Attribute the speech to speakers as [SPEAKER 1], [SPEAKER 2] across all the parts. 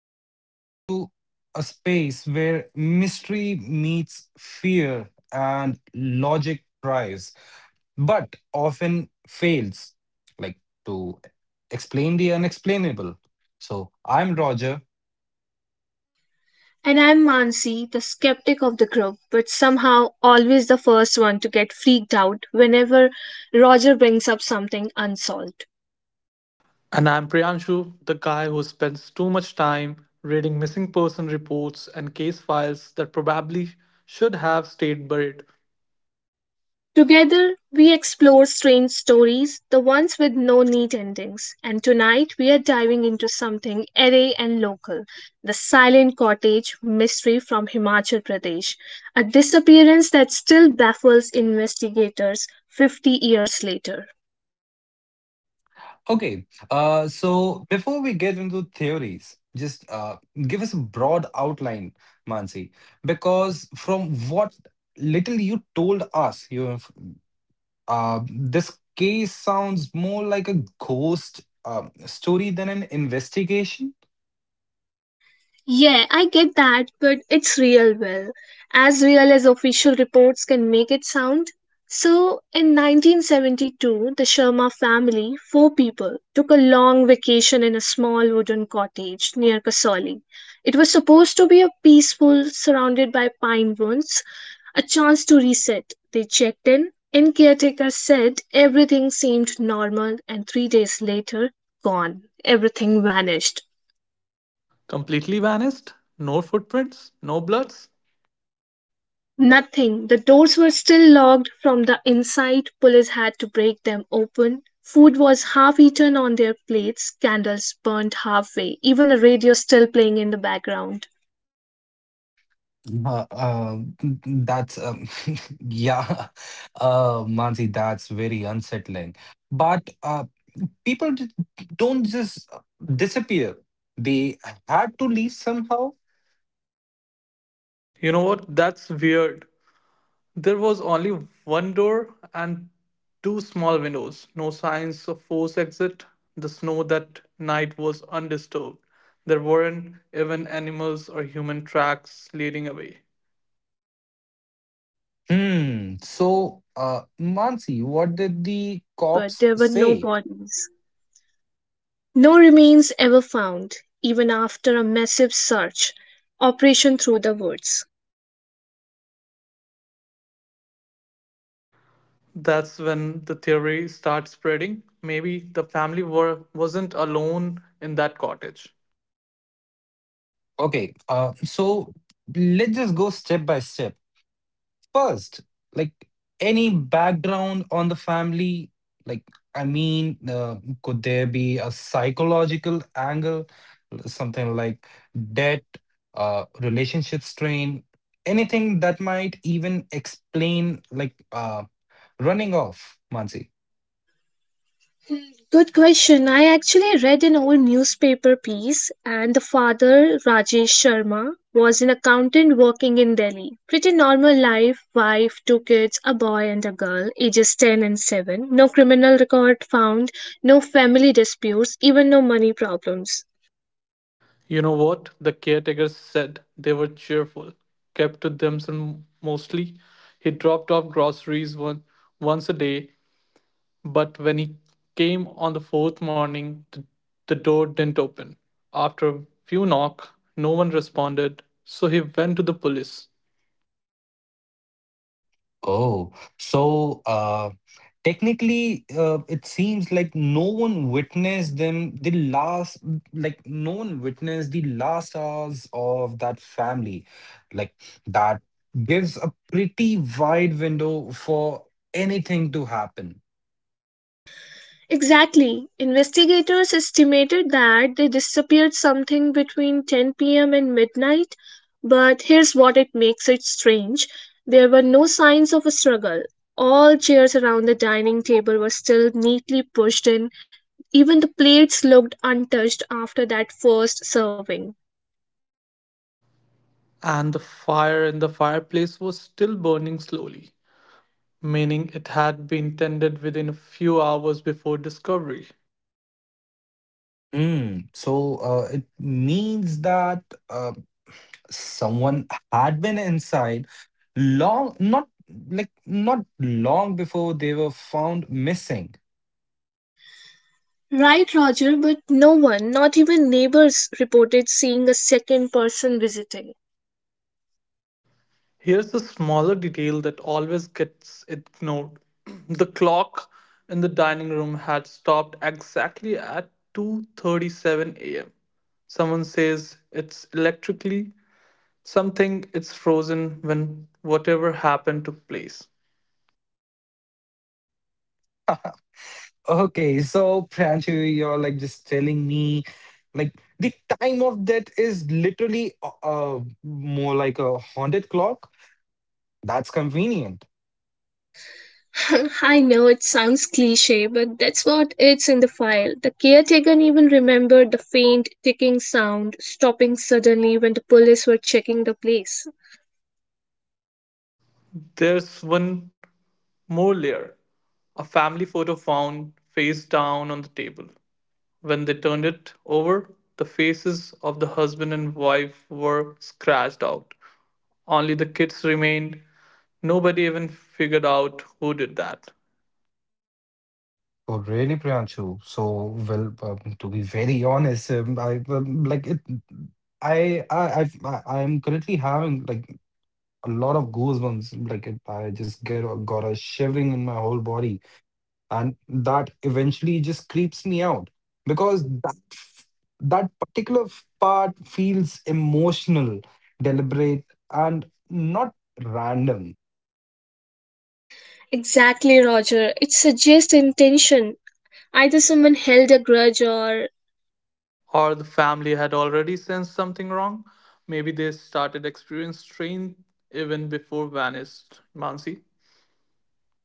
[SPEAKER 1] tuning into a space where mystery meets fear and logic tries, but often fails, like to explain the unexplainable. So I'm Roger.
[SPEAKER 2] And I'm Mansi, the skeptic of the group, but somehow always the first one to get freaked out whenever Roger brings up something unsolved.
[SPEAKER 3] And I'm Priyanshu, the guy who spends too much time reading missing person reports and case files that probably should have stayed buried.
[SPEAKER 2] Together, we explore strange stories, the ones with no neat endings, and tonight we are diving into something airy and local, the Silent Cottage mystery from Himachal Pradesh, a disappearance that still baffles investigators 50 years later.
[SPEAKER 1] Okay, so before we get into theories, just give us a broad outline, Mansi, because from what little you told us, you this case sounds more like a ghost story than an investigation.
[SPEAKER 2] Yeah, I get that, but it's real, well, as real as official reports can make it sound. So, in 1972, the Sharma family, four people, took a long vacation in a small wooden cottage near Kasauli. It was supposed to be a peaceful, surrounded by pine woods, a chance to reset. They checked in, and caretaker said everything seemed normal, and 3 days later, gone. Everything vanished.
[SPEAKER 3] Completely vanished? No footprints? No bloods?
[SPEAKER 2] Nothing. The doors were still locked from the inside. Police had to break them open. Food was half eaten on their plates, candles burned halfway, even a radio still playing in the background.
[SPEAKER 1] Uh, uh, that's yeah, Mansi, that's very unsettling. But people don't just disappear; they had to leave somehow.
[SPEAKER 3] You know what? That's weird. There was only one door and two small windows. No signs of forced exit. The snow that night was undisturbed. There weren't even animals or human
[SPEAKER 2] Initially, they
[SPEAKER 3] tracks
[SPEAKER 2] thought
[SPEAKER 3] leading
[SPEAKER 2] it,
[SPEAKER 3] away.
[SPEAKER 2] it was a robbery gone wrong, but no
[SPEAKER 1] Hmm.
[SPEAKER 2] valuables were
[SPEAKER 1] So,
[SPEAKER 2] missing. Then they
[SPEAKER 1] Mansi, what
[SPEAKER 2] suspected
[SPEAKER 1] did the
[SPEAKER 2] suicide, but
[SPEAKER 1] cops
[SPEAKER 2] there were no
[SPEAKER 1] say?
[SPEAKER 2] bodies. No remains ever found, even after a massive search operation through the woods.
[SPEAKER 3] That's when the theory starts spreading. Maybe the family wasn't alone in that cottage.
[SPEAKER 1] Okay. So let's just go step by step. First, like any background on the family, like, I mean, uh, could there be a psychological angle, something like debt, relationship strain, anything that might even explain, running off, Mansi?
[SPEAKER 2] Good question. I actually read an old newspaper piece, and the father, Rajesh Sharma, was an accountant working in Delhi. Pretty normal life, wife, two kids, a boy and a girl, ages 10 and 7. No criminal record found, no family disputes, even no money problems.
[SPEAKER 3] You know what? The caretakers said they were cheerful, kept to themselves mostly. He dropped off groceries once a day, but when he came on the fourth morning, the door didn't open. After a few knocks, no one responded, so he went to the police.
[SPEAKER 1] Oh, so technically, it seems like no one witnessed them the last, like no one witnessed the last hours of that family. Like that gives a pretty wide window for anything to happen.
[SPEAKER 2] Exactly. Investigators estimated that they disappeared something between 10 p.m. and midnight, but here's what it makes it strange. There were no signs of a struggle. All chairs around the dining table were still neatly pushed in. Even the plates looked untouched after that first serving.
[SPEAKER 3] And the fire in the fireplace was still burning slowly, meaning it had been tended within a few hours before discovery.
[SPEAKER 1] Mm, so it means that uh, someone had been inside long, not like not long before they were found missing.
[SPEAKER 2] Right, Roger, but no one, not even neighbors, reported seeing a second person visiting.
[SPEAKER 3] Here's a smaller detail that always gets ignored. The clock in the dining room had stopped exactly at 2:37 a.m. Someone says it's electrically something, it's frozen when whatever happened took place.
[SPEAKER 1] Okay, so Pranchu, you're like just telling me, like the time of death is literally more like a haunted clock. That's convenient.
[SPEAKER 2] I know it sounds cliche, but that's what it's in the file. The caretaker even remembered the faint ticking sound, stopping suddenly when the police were checking the place.
[SPEAKER 3] There's one more layer. A family photo found face down on the table. When they turned it over, the faces of the husband and wife were scratched out. Only the kids remained. Nobody even figured out who did that.
[SPEAKER 1] Oh, really, Pranchu? So, well, to be very honest, I like it. I I've, I I'm currently having like a lot of goosebumps. Like it, I just got a shivering in my whole body, and that eventually just creeps me out because that particular part feels emotional, deliberate, and not random.
[SPEAKER 2] Exactly, Roger. It suggests intention. Either someone held a grudge, or.
[SPEAKER 3] Or the family had already sensed something wrong. Maybe they started experiencing strain even before vanished. Mansi.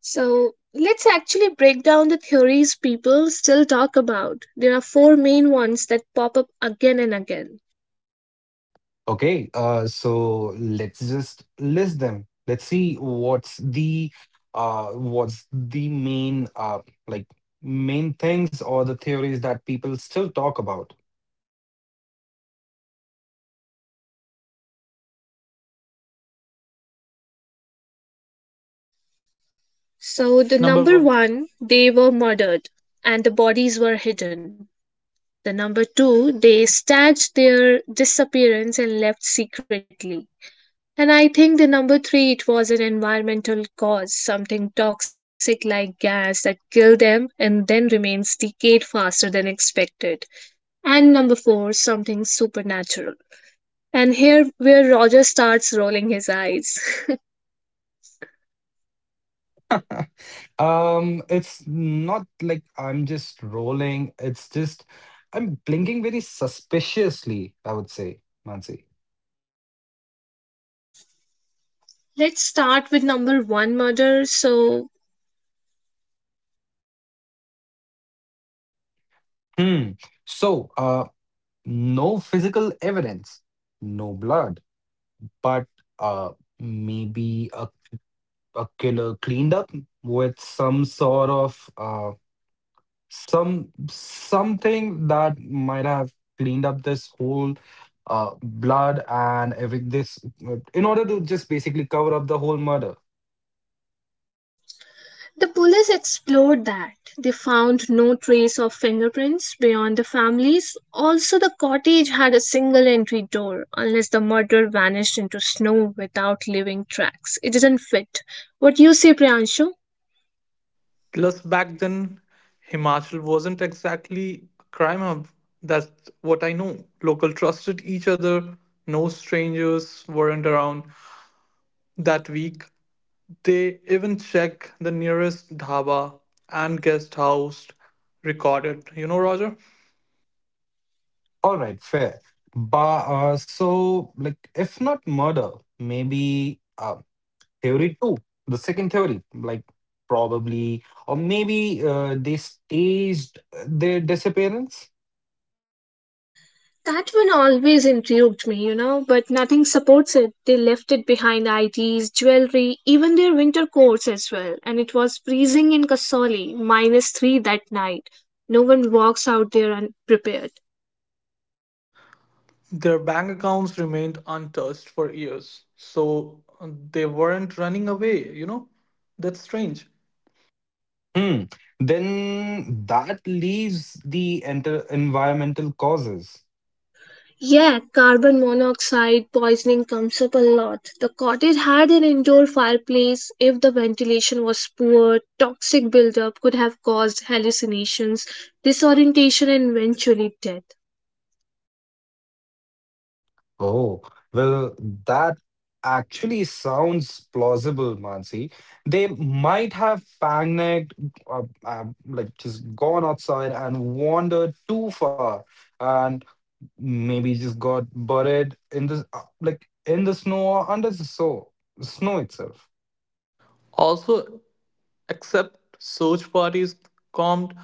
[SPEAKER 2] So, let's actually break down the theories people still talk about. There are four main ones that pop up again and again.
[SPEAKER 1] Okay, so let's just list them. Let's see what's the main like main things or the theories that people still talk about.
[SPEAKER 2] So, the
[SPEAKER 3] Number
[SPEAKER 2] number
[SPEAKER 3] one.
[SPEAKER 2] one, they were murdered and the bodies were hidden. The No. 2, they staged their disappearance and left secretly. And I think the No. 3, it was an environmental cause, something toxic like gas that killed them and then remains decayed faster than expected. And No. 4, something supernatural. And here where Roger starts rolling his eyes.
[SPEAKER 1] It's not like I'm just rolling. It's just I'm blinking very suspiciously, I would say, Mansi.
[SPEAKER 2] Let's start with No. 1, murder. So
[SPEAKER 1] Hmm. So, no physical evidence, no blood, but uh, maybe a killer cleaned up with some sort of some something that might have cleaned up this whole blood and every this in order to just basically cover up the whole murder.
[SPEAKER 2] the police explored that; they found no trace of fingerprints beyond the family's, also the cottage had a single entry door unless the murderer vanished into snow without leaving tracks. It does not fit. What you say, Priyanshu?
[SPEAKER 3] Plus, back then, Himachal wasn't exactly a crime hub. That's what I know. Local trusted each other. No strangers weren't around. That week, they even check the nearest dhaba and guest house recorded. You know, Roger?
[SPEAKER 1] All right, fair. But so, like, if not murder, maybe theory two, the second theory, like probably, or maybe they staged their disappearance.
[SPEAKER 2] That one always intrigued me, you know, but nothing supports it. They left it behind IDs, jewellery, even their winter coats as well, and it was freezing in Kasauli, -3 that night. No one walks out there unprepared.
[SPEAKER 3] Their bank accounts remained untouched for years. So they weren't running away, you know? That's strange.
[SPEAKER 1] Hmm. Then that leaves the enter environmental causes.
[SPEAKER 2] Yeah, carbon monoxide poisoning comes up a lot. The cottage had an indoor fireplace. If the ventilation was poor, toxic buildup could have caused hallucinations, disorientation, and eventually death.
[SPEAKER 1] Oh, well, that actually sounds plausible, Mansi. They might have panicked, like just gone outside and wandered too far, and maybe just got buried in the snow or under the snow itself.
[SPEAKER 3] Also, except search parties combed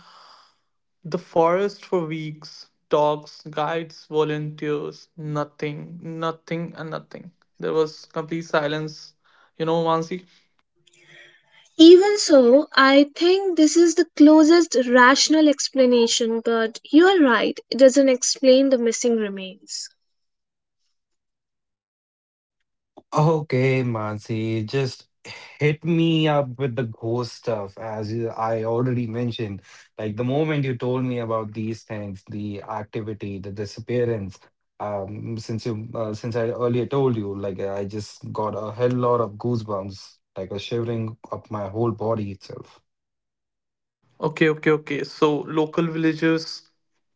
[SPEAKER 3] the forest for weeks. Dogs, guides, volunteers, nothing, nothing, and nothing. There was complete silence. You know, Mansi?
[SPEAKER 2] Even so, I think this is the closest rational explanation, but you are right, it doesn't explain the missing remains.
[SPEAKER 1] Okay, Mansi, just hit me up with the ghost stuff. As I already mentioned, like the moment you told me about these things, the activity, the disappearance, since I earlier told you, like I just got a hell lot of goosebumps, like a shivering up my whole body itself.
[SPEAKER 3] Okay, okay, okay. So local villagers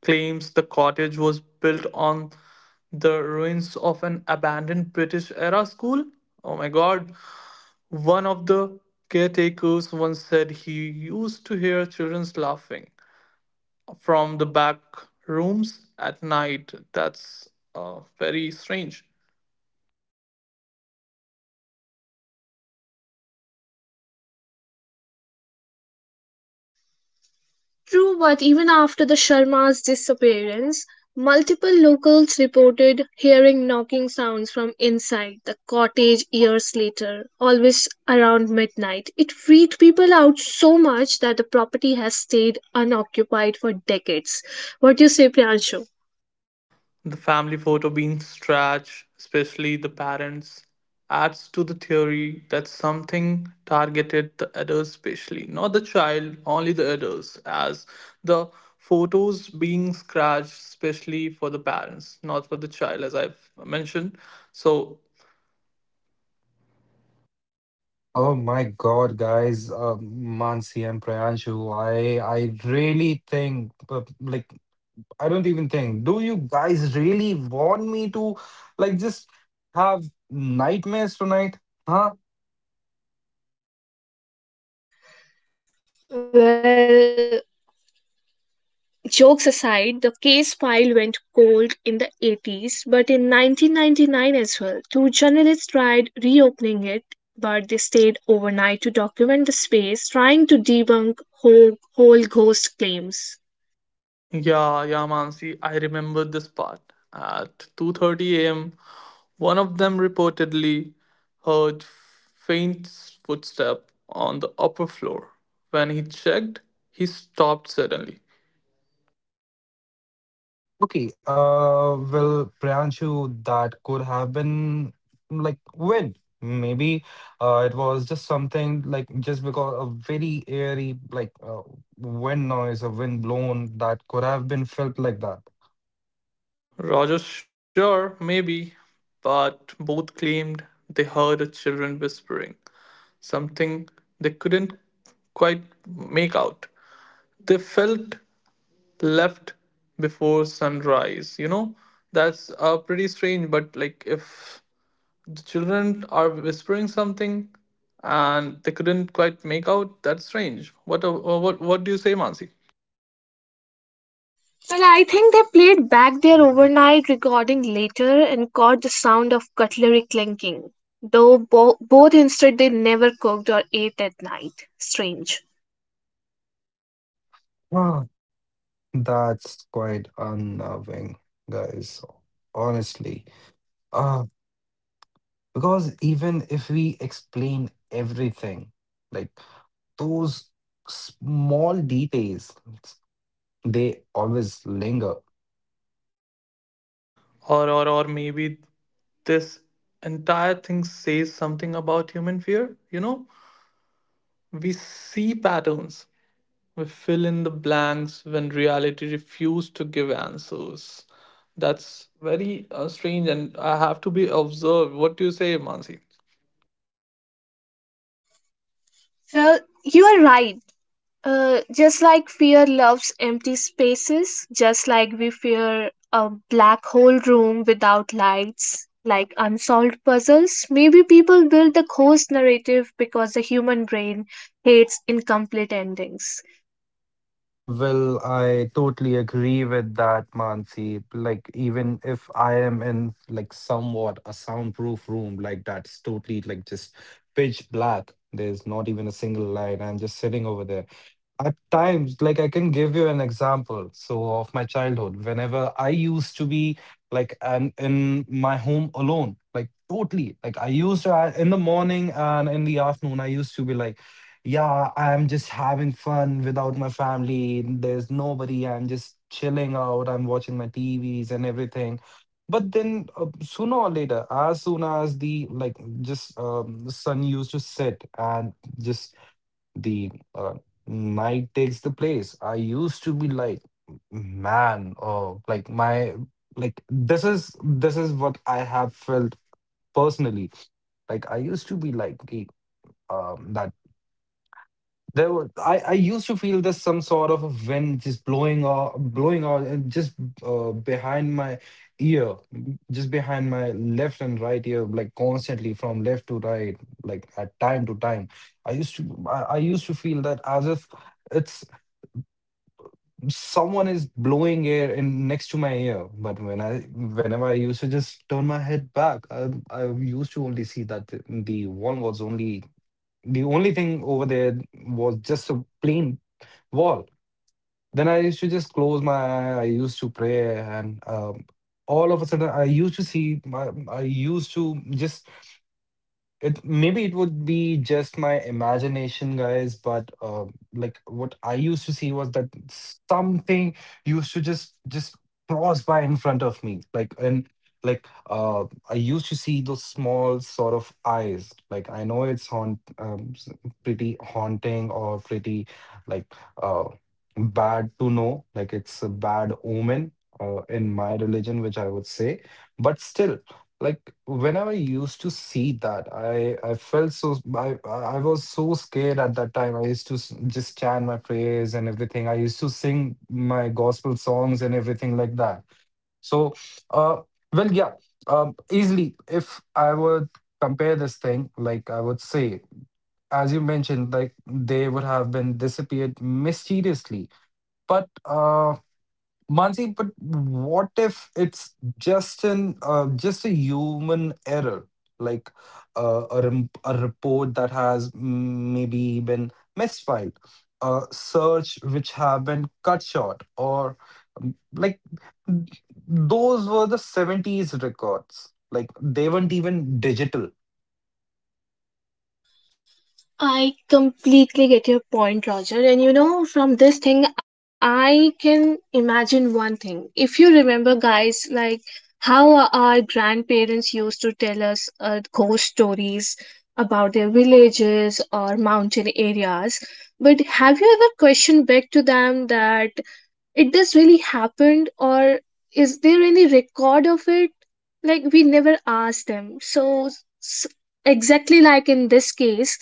[SPEAKER 3] claims the cottage was built on the ruins of an abandoned British era school. Oh my God. One of the caretakers once said he used to hear children's laughing from the back rooms at night. That's very strange.
[SPEAKER 2] True, but even after the Sharmas' disappearance, multiple locals reported hearing knocking sounds from inside the cottage years later, always around midnight. It freaked people out so much that the property has stayed unoccupied for decades. What do you say, Priyanshu?
[SPEAKER 3] The family photo being stretched, especially the parents, adds to the theory that something targeted the adults, especially not the child, only the adults, as the photos being scratched, especially for the parents, not for the child, as I've mentioned. So
[SPEAKER 1] Oh my God, guys, Mansi and Priyanshu, I really think, I don't even think. Do you guys really want me to like just have nightmares tonight? Huh?
[SPEAKER 2] Well, jokes aside, the case file went cold in the 80s, but in 1999 as well, two journalists tried reopening it, but they stayed overnight to document the space, trying to debunk whole ghost claims.
[SPEAKER 3] Yeah, yeah, Mansi, I remember this part. At 2:30 a.m., one of them reportedly heard faint footstep on the upper floor. When he checked, he stopped suddenly.
[SPEAKER 1] Okay. Well, Priyanshu, that could have been like when maybe it was just something like just because a very airy wind noise, a wind blown that could have been felt like that.
[SPEAKER 3] Roger, sure, maybe, but both claimed they heard a children whispering, something they couldn't quite make out. They felt left before sunrise, you know? That's pretty strange, but like if the children are whispering something and they couldn't quite make out, that's strange. What what do you say, Mansi?
[SPEAKER 2] Well, I think they played back their overnight recording later and caught the sound of cutlery clinking, though both insisted they never cooked or ate at night. Strange.
[SPEAKER 1] Huh. That's quite unnerving, guys. Honestly. Uh, Because even if we explain everything, like those small details, they always linger.
[SPEAKER 3] Or maybe this entire thing says something about human fear. You know, we see patterns. We fill in the blanks when reality refused to give answers. That's very strange and I have to be observed. What do you say, Mansi?
[SPEAKER 2] Well, you are right. Just like fear loves empty spaces, just like we fear a black hole room without lights, like unsolved puzzles, maybe people build the ghost narrative because the human brain hates incomplete endings.
[SPEAKER 1] Well, I totally agree with that, Mansi. Like, even if I am in like somewhat a soundproof room, like that's totally like just pitch black. There's not even a single light. I'm just sitting over there. At times, like I can give you an example. So, of my childhood, whenever I used to be like an, in my home alone, like totally, like I used in the morning and in the afternoon, I used to be like, yeah, I'm just having fun without my family. There's nobody. I'm just chilling out. I'm watching my TVs and everything. But then, sooner or later, as soon as the like just sun used to set and just the night takes the place. I used to be like, man, oh, like my, like this is what I have felt personally. Like I used to be like, "Okay, that there were, I used to feel there's some sort of a wind just blowing or blowing out and just behind my ear, just behind my left and right ear, like constantly from left to right, like at time to time. I used I used to feel that as if it's someone is blowing air in next to my ear. But whenever I used to just turn my head back, I used to only see that the wall was only the only thing over there was just a plain wall. Then I used to just close my eye. I used to pray, and all of a sudden, I used to see my. I used to just it maybe it would be just my imagination, guys, but like what I used to see was that something used to just cross by in front of me, and I used to see those small sort of eyes. Like I know it's pretty haunting or pretty like uh bad to know, like it's a bad omen in my religion, which I would say, but still like when I used to see that, I felt so, I was so scared. At that time, I used just chant my prayers and everything. I used to sing my gospel songs and everything like that. So uh well yeah, um easily, if I would compare this thing, like I would say, as you mentioned, like they would have been disappeared mysteriously, but Mansi, but what if it's just an just a human error, like a report that has maybe been misfiled, a search which have been cut short, or um, like th- those were the 70s records. Like they weren't even digital.
[SPEAKER 2] I completely get your point, Roger. And you know, from this thing, I can imagine one thing. If you remember, guys, like how our grandparents used to tell us ghost stories about their villages or mountain areas. But have you ever questioned back to them that it does really happened, or is there any record of it? Like we never asked them. So, s- exactly like in this case,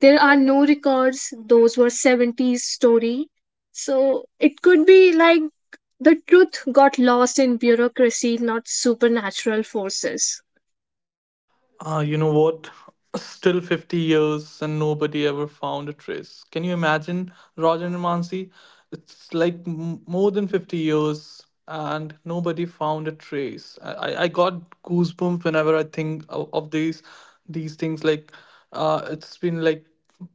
[SPEAKER 2] there are no records, those were 70s story, so it could be like the truth got lost in bureaucracy, not supernatural forces.
[SPEAKER 3] You know what? Still 50 years and nobody ever found a trace. Can you imagine, Roger and Mansi? It's like more than 50 years and nobody found a trace. I got goosebumps whenever I think of these things. Like, it's been like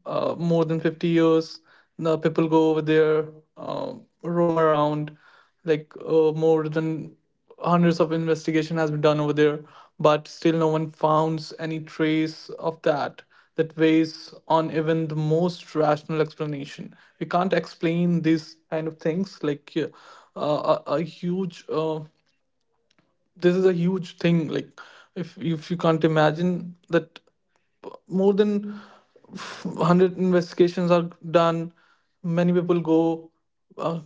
[SPEAKER 3] more than 50 years. The people go over there, uh, roam around, like more than hundreds of investigation has been done over there, but still no one founds any trace of that. That weighs on even the most rational explanation. We can't explain these kind of things. Like a huge this is a huge thing. Like if you can't imagine that more than 100 investigations are done, many people go uh,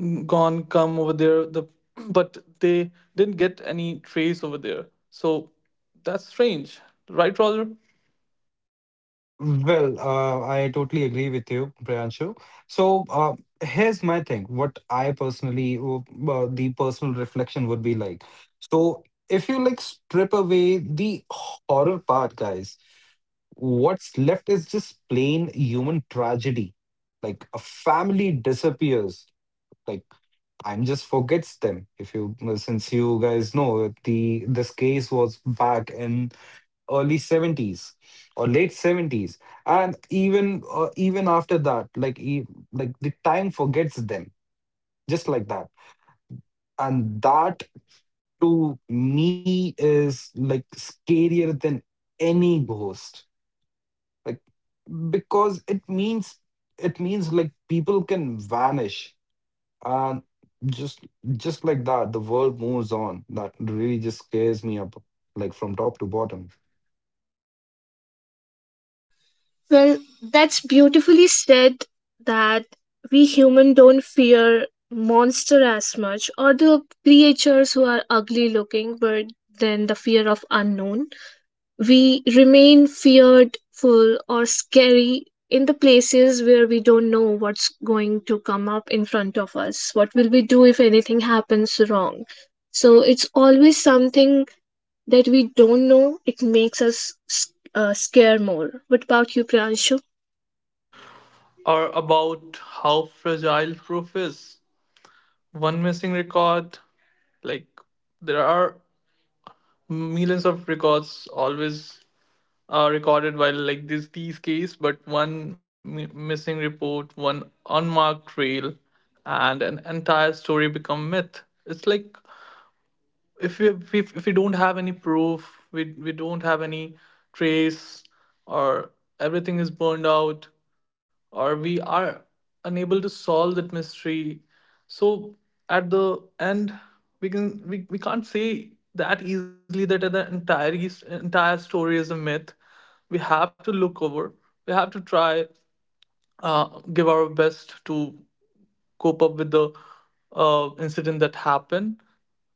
[SPEAKER 3] gone come over there. The but they didn't get any trace over there, so that's strange, right, Roger?
[SPEAKER 1] Well, I totally agree with you, Priyanshu. So, here's my thing. What I personally, the personal reflection would be like. So, if you like strip away the horror part, guys, what's left is just plain human tragedy. Like a family disappears. Like I'm just forgets them. If you, well, since you guys know, the this case was back in early 70s or late 70s, and even even after that, like the time forgets them just like that, and that to me is like scarier than any ghost, like because it means, it means like people can vanish and just just like that the world moves on. That really just scares me up like from top to bottom.
[SPEAKER 2] Well, that's beautifully said that we human don't fear monster as much, or the creatures who are ugly looking, but then the fear of unknown. We remain fearful or scary in the places where we don't know what's going to come up in front of us. What will we do if anything happens wrong? So it's always something that we don't know. It makes us scare more. What about you, Priyanshu?
[SPEAKER 3] Or about how fragile proof is. One missing record, like there are millions of records always recorded while like this these case, but one missing report, one unmarked trail, and an entire story become myth. It's like if we don't have any proof, we don't have any trace or everything is burned out or we are unable to solve that mystery. So at the end, we can't say that easily that the entire story is a myth. We have to look over, we have to try give our best to cope up with the incident that happened.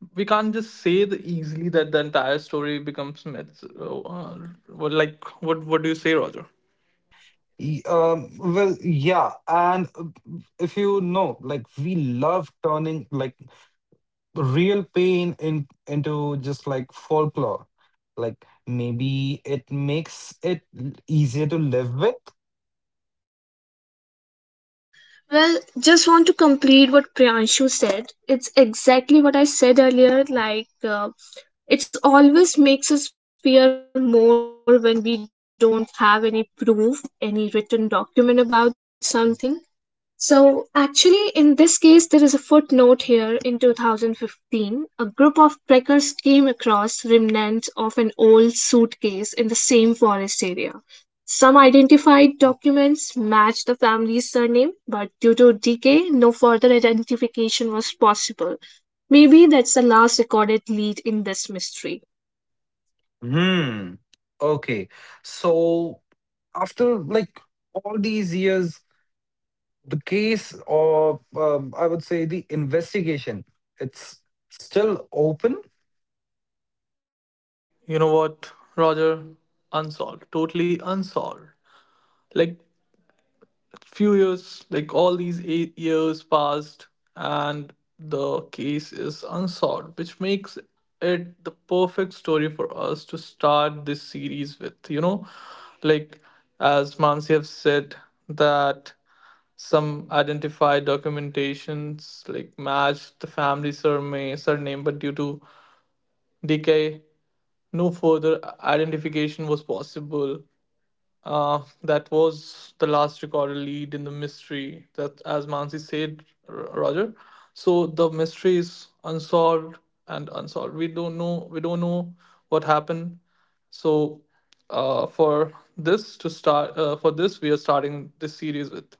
[SPEAKER 3] We can't just say the easily that the entire story becomes myths. What- like what do you say, Roger?
[SPEAKER 1] Yeah, and if you know, like we love turning like real pain in into just like folklore. Like maybe it makes it easier to live with.
[SPEAKER 2] Well, just want to complete what Priyanshu said. It's exactly what I said earlier. It always makes us fear more when we don't have any proof, any written document about something. So, actually, in this case, there is a footnote here. In 2015, a group of trekkers came across remnants of an old suitcase in the same forest area. Some identified documents matched the family's surname, but due to decay, no further identification was possible. Maybe that's the last recorded lead in this mystery.
[SPEAKER 1] Hmm. Okay, so after like all these years, the case, or I would say the investigation, it's still open.
[SPEAKER 3] You know what, Roger? Unsolved, totally unsolved. Like few years, like all these 8 years passed, and the case is unsolved, which makes it the perfect story for us to start this series with. You know, like as Mansi have said that some identify documentations like match the family surname, surname, but due to decay, no further identification was possible. That was the last recorded lead in the mystery. That, as Mansi said, Roger. So the mystery is unsolved and unsolved. We don't know. We don't know what happened. So, for this to start, for this we are starting this series with.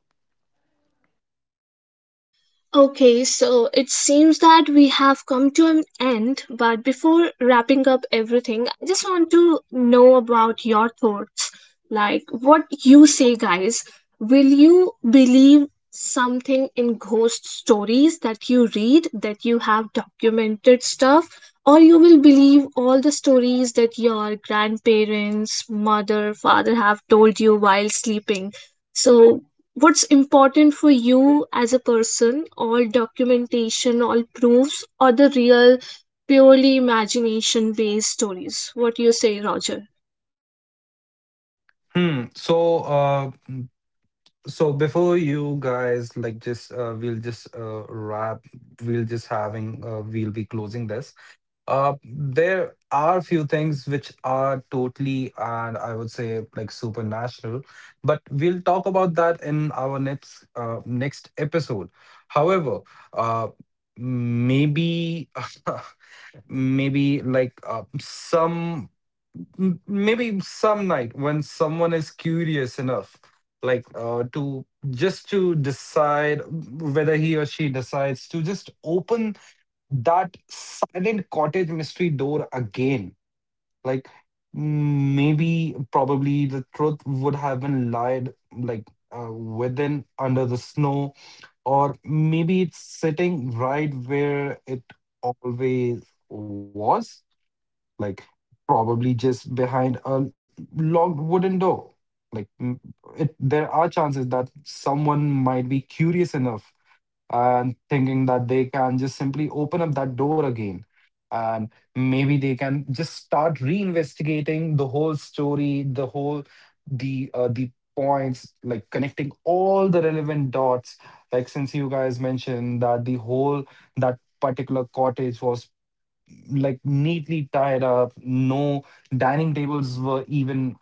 [SPEAKER 2] Okay, so it seems that we have come to an end, but before wrapping up everything, I just want to know about your thoughts. Like, what you say, guys. Will you believe something in ghost stories that you read, that you have documented stuff, or you will believe all the stories that your grandparents, mother, father have told you while sleeping? So, what's important for you as a person, all documentation, all proofs, or the real, purely imagination based stories? What do you say, Roger?
[SPEAKER 1] Hmm. So, so before you guys like just we'll just wrap we'll just having we'll be closing this. There are few things which are totally and I would say like supernatural, but we'll talk about that in our next episode. However, uh, maybe maybe maybe some night when someone is curious enough to just to decide whether he or she decides to just open that silent cottage mystery door again. Like maybe probably the truth would have been lied like within under the snow, or maybe it's sitting right where it always was, like probably just behind a locked wooden door. Like it, there are chances that someone might be curious enough and thinking that they can just simply open up that door again. And maybe they can just start reinvestigating the whole story, the whole the points, like connecting all the relevant dots. Like since you guys mentioned that the whole that particular cottage was like neatly tied up. No dining tables were even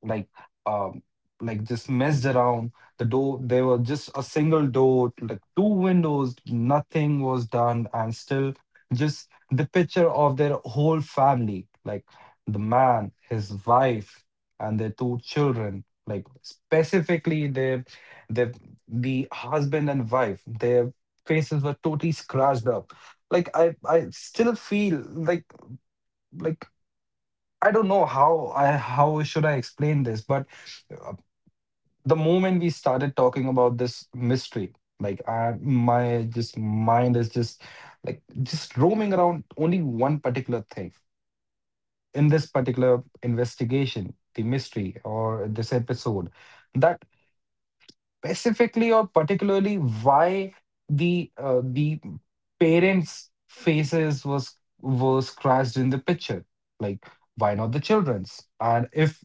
[SPEAKER 1] like um like just messed around. The door, there was just a single door, like two windows, nothing was done, and still just the picture of their whole family, like the man, his wife, and their two children, like specifically their the the husband and wife, their faces were totally scratched up. Like I still feel like, like I don't know how I how should I explain this, but uh, the moment we started talking about this mystery, like my just mind is just like just roaming around only one particular thing in this particular investigation, the mystery or this episode, that specifically or particularly why the parents' faces was scratched in the picture. Like why not the children's? And if,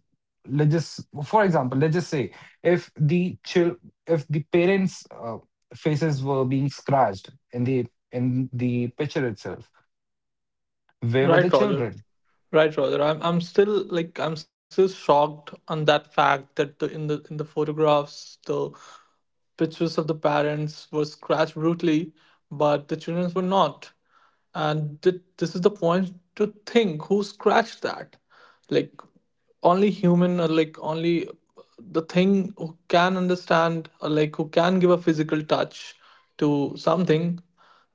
[SPEAKER 1] let's just for example, let's just say if if the parents' faces were being scratched in the picture itself, where were the
[SPEAKER 3] Right, Roger.
[SPEAKER 1] children?
[SPEAKER 3] Right, Roger. I'm still like I'm still shocked on that fact that the in the in the photographs the pictures of the parents were scratched brutally, but the children were not. And this is the point to think who scratched that, like only human or like only the thing who can understand or like who can give a physical touch to something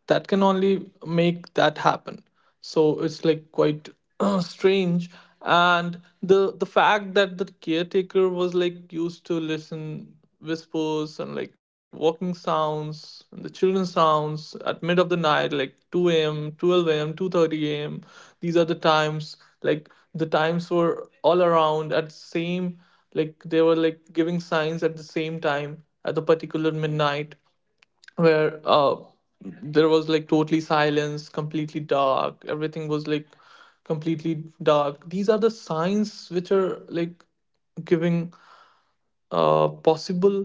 [SPEAKER 3] that can only make that happen. So it's like quite strange. And the fact that the caretaker was like used to listen whispers and like walking sounds and the children's sounds at mid of the night, like 2 a.m, 12 a.m, 2:30 a.m. These are the times, like the times were all around at same, like they were like giving signs at the same time at the particular midnight, where there was like totally silence, completely dark. Everything was like completely dark. These are the signs which are like giving a possible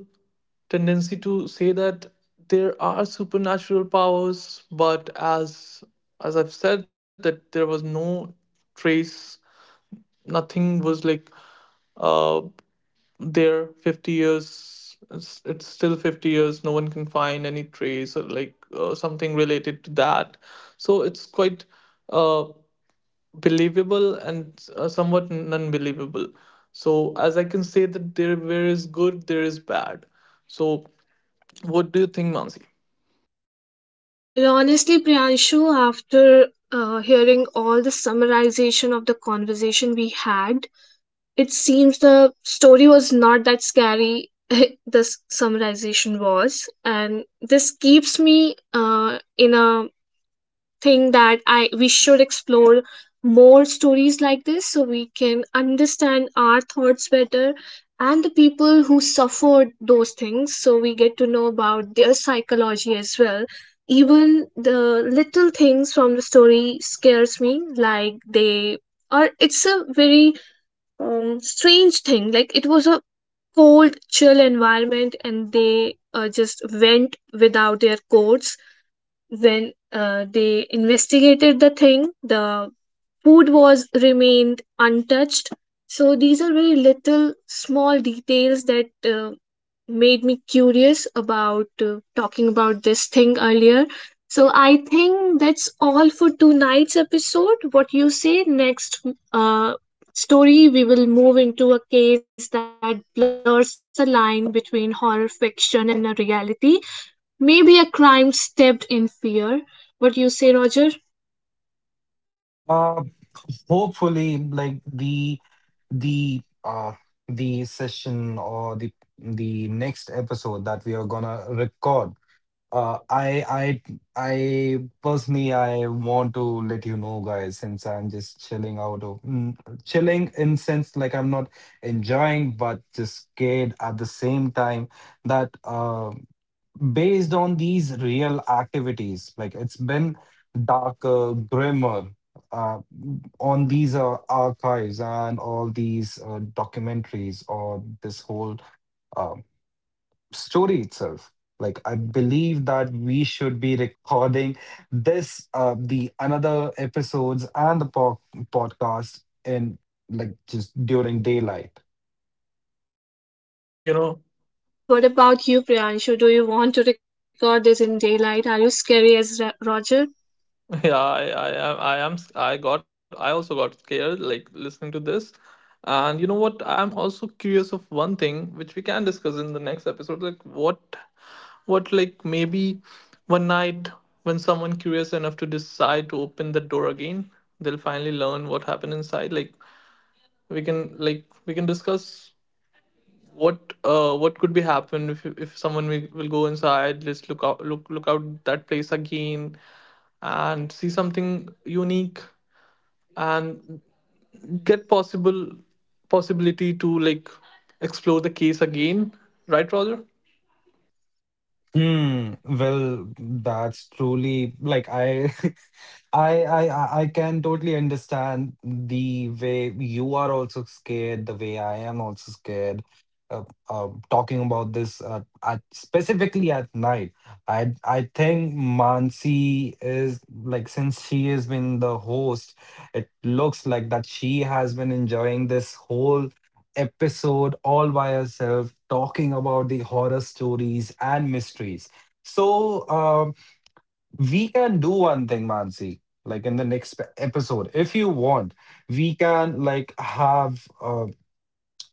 [SPEAKER 3] tendency to say that there are supernatural powers, but as I've said that there was no trace. Nothing was like uh there. 50 years, it's still 50 years, no one can find any trace or like something related to that. So it's quite uh, believable and somewhat unbelievable. So as I can say that there is good, there is bad. So what do you think, Mansi?
[SPEAKER 2] Well, honestly, Priyanshu, after hearing all the summarization of the conversation we had, it seems the story was not that scary. This summarization was, and this keeps me uh, in a think that I we should explore more stories like this, so we can understand our thoughts better and the people who suffered those things, so we get to know about their psychology as well. Even the little things from the story scares me, like they, or it's a very strange thing, like it was a cold chill environment and they just went without their coats. When they investigated the thing, the food was remained untouched. So these are very little small details that made me curious about talking about this thing earlier. So I think that's all for tonight's episode. What you say? Next uh, story, we will move into a case that blurs the line between horror fiction and a reality. Maybe a crime stepped in fear. What you say, Roger?
[SPEAKER 1] Uh, hopefully, like the uh the session or the next episode that we are gonna record. Uh, I I I personally I want to let you know, guys, since I'm just chilling out of chilling in sense, like I'm not enjoying, but just scared at the same time. That, based on these real activities. Like it's been darker, grimmer uh, on these archives and all these documentaries or this whole uh, story itself. Like I believe that we should be recording this, the another episodes and podcast in like just during daylight.
[SPEAKER 3] You know.
[SPEAKER 2] What about you, Priyanshu? Do you want to record this in daylight? Are you scary as Roger?
[SPEAKER 3] Yeah, I am. I got. I also got scared, like listening to this. And you know what? I'm also curious of one thing, which we can discuss in the next episode. Like what like maybe one night when someone curious enough to decide to open the door again, they'll finally learn what happened inside. Like like we can discuss what could be happened if someone will go inside, just look out, look out that place again, and see something unique and get possible possibility to like explore the case again, right, Roger?
[SPEAKER 1] Hmm. Well, that's truly like I can totally understand the way you are also scared, the way I am also scared. Uh, talking about this specifically at night, I think Mansi is like, since she has been the host, it looks like that she has been enjoying this whole episode all by herself talking about the horror stories and mysteries. So, we can do one thing, Mansi, like in the next episode, if you want, we can like have.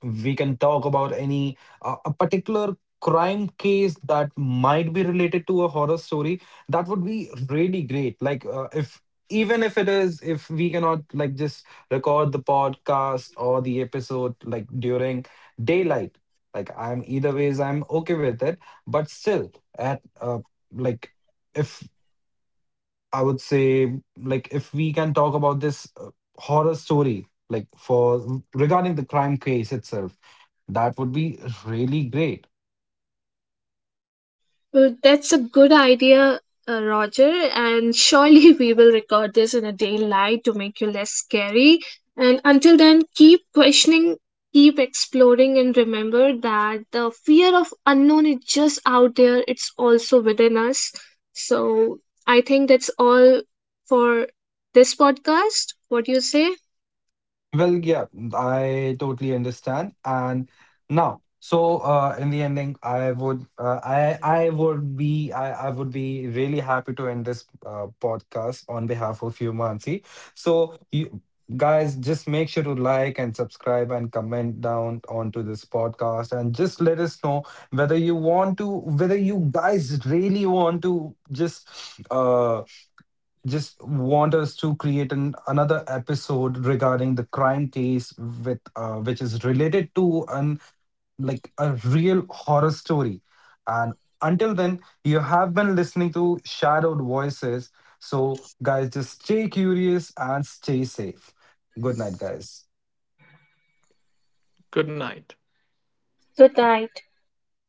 [SPEAKER 1] We can talk about any a particular crime case that might be related to a horror story. That would be really great, like if even if it is, if we cannot like just record the podcast or the episode like during daylight, like I'm either ways I'm okay with it. But still, at like if I would say, like, if we can talk about this horror story, like, for regarding the crime case itself, that would be really great.
[SPEAKER 2] Well, that's a good idea, Roger, and surely we will record this in a daylight to make you less scary. And until then, keep questioning, keep exploring, and remember that the fear of unknown is just out there, it's also within us. So I think that's all for this podcast. What do you say?
[SPEAKER 1] Well, yeah, I totally understand. And now, so in the ending, I would, I would be really happy to end this podcast on behalf of you, Mansi. So you guys, just make sure to like and subscribe and comment down onto this podcast, and just let us know whether you want to, whether you guys really want to uh just want us to create another episode regarding the crime case with which is related to an like a real horror story. And until then, you have been listening to Shadowed Voices. So guys, just stay curious and stay safe. Good night, guys.
[SPEAKER 3] Good night.
[SPEAKER 2] Good night.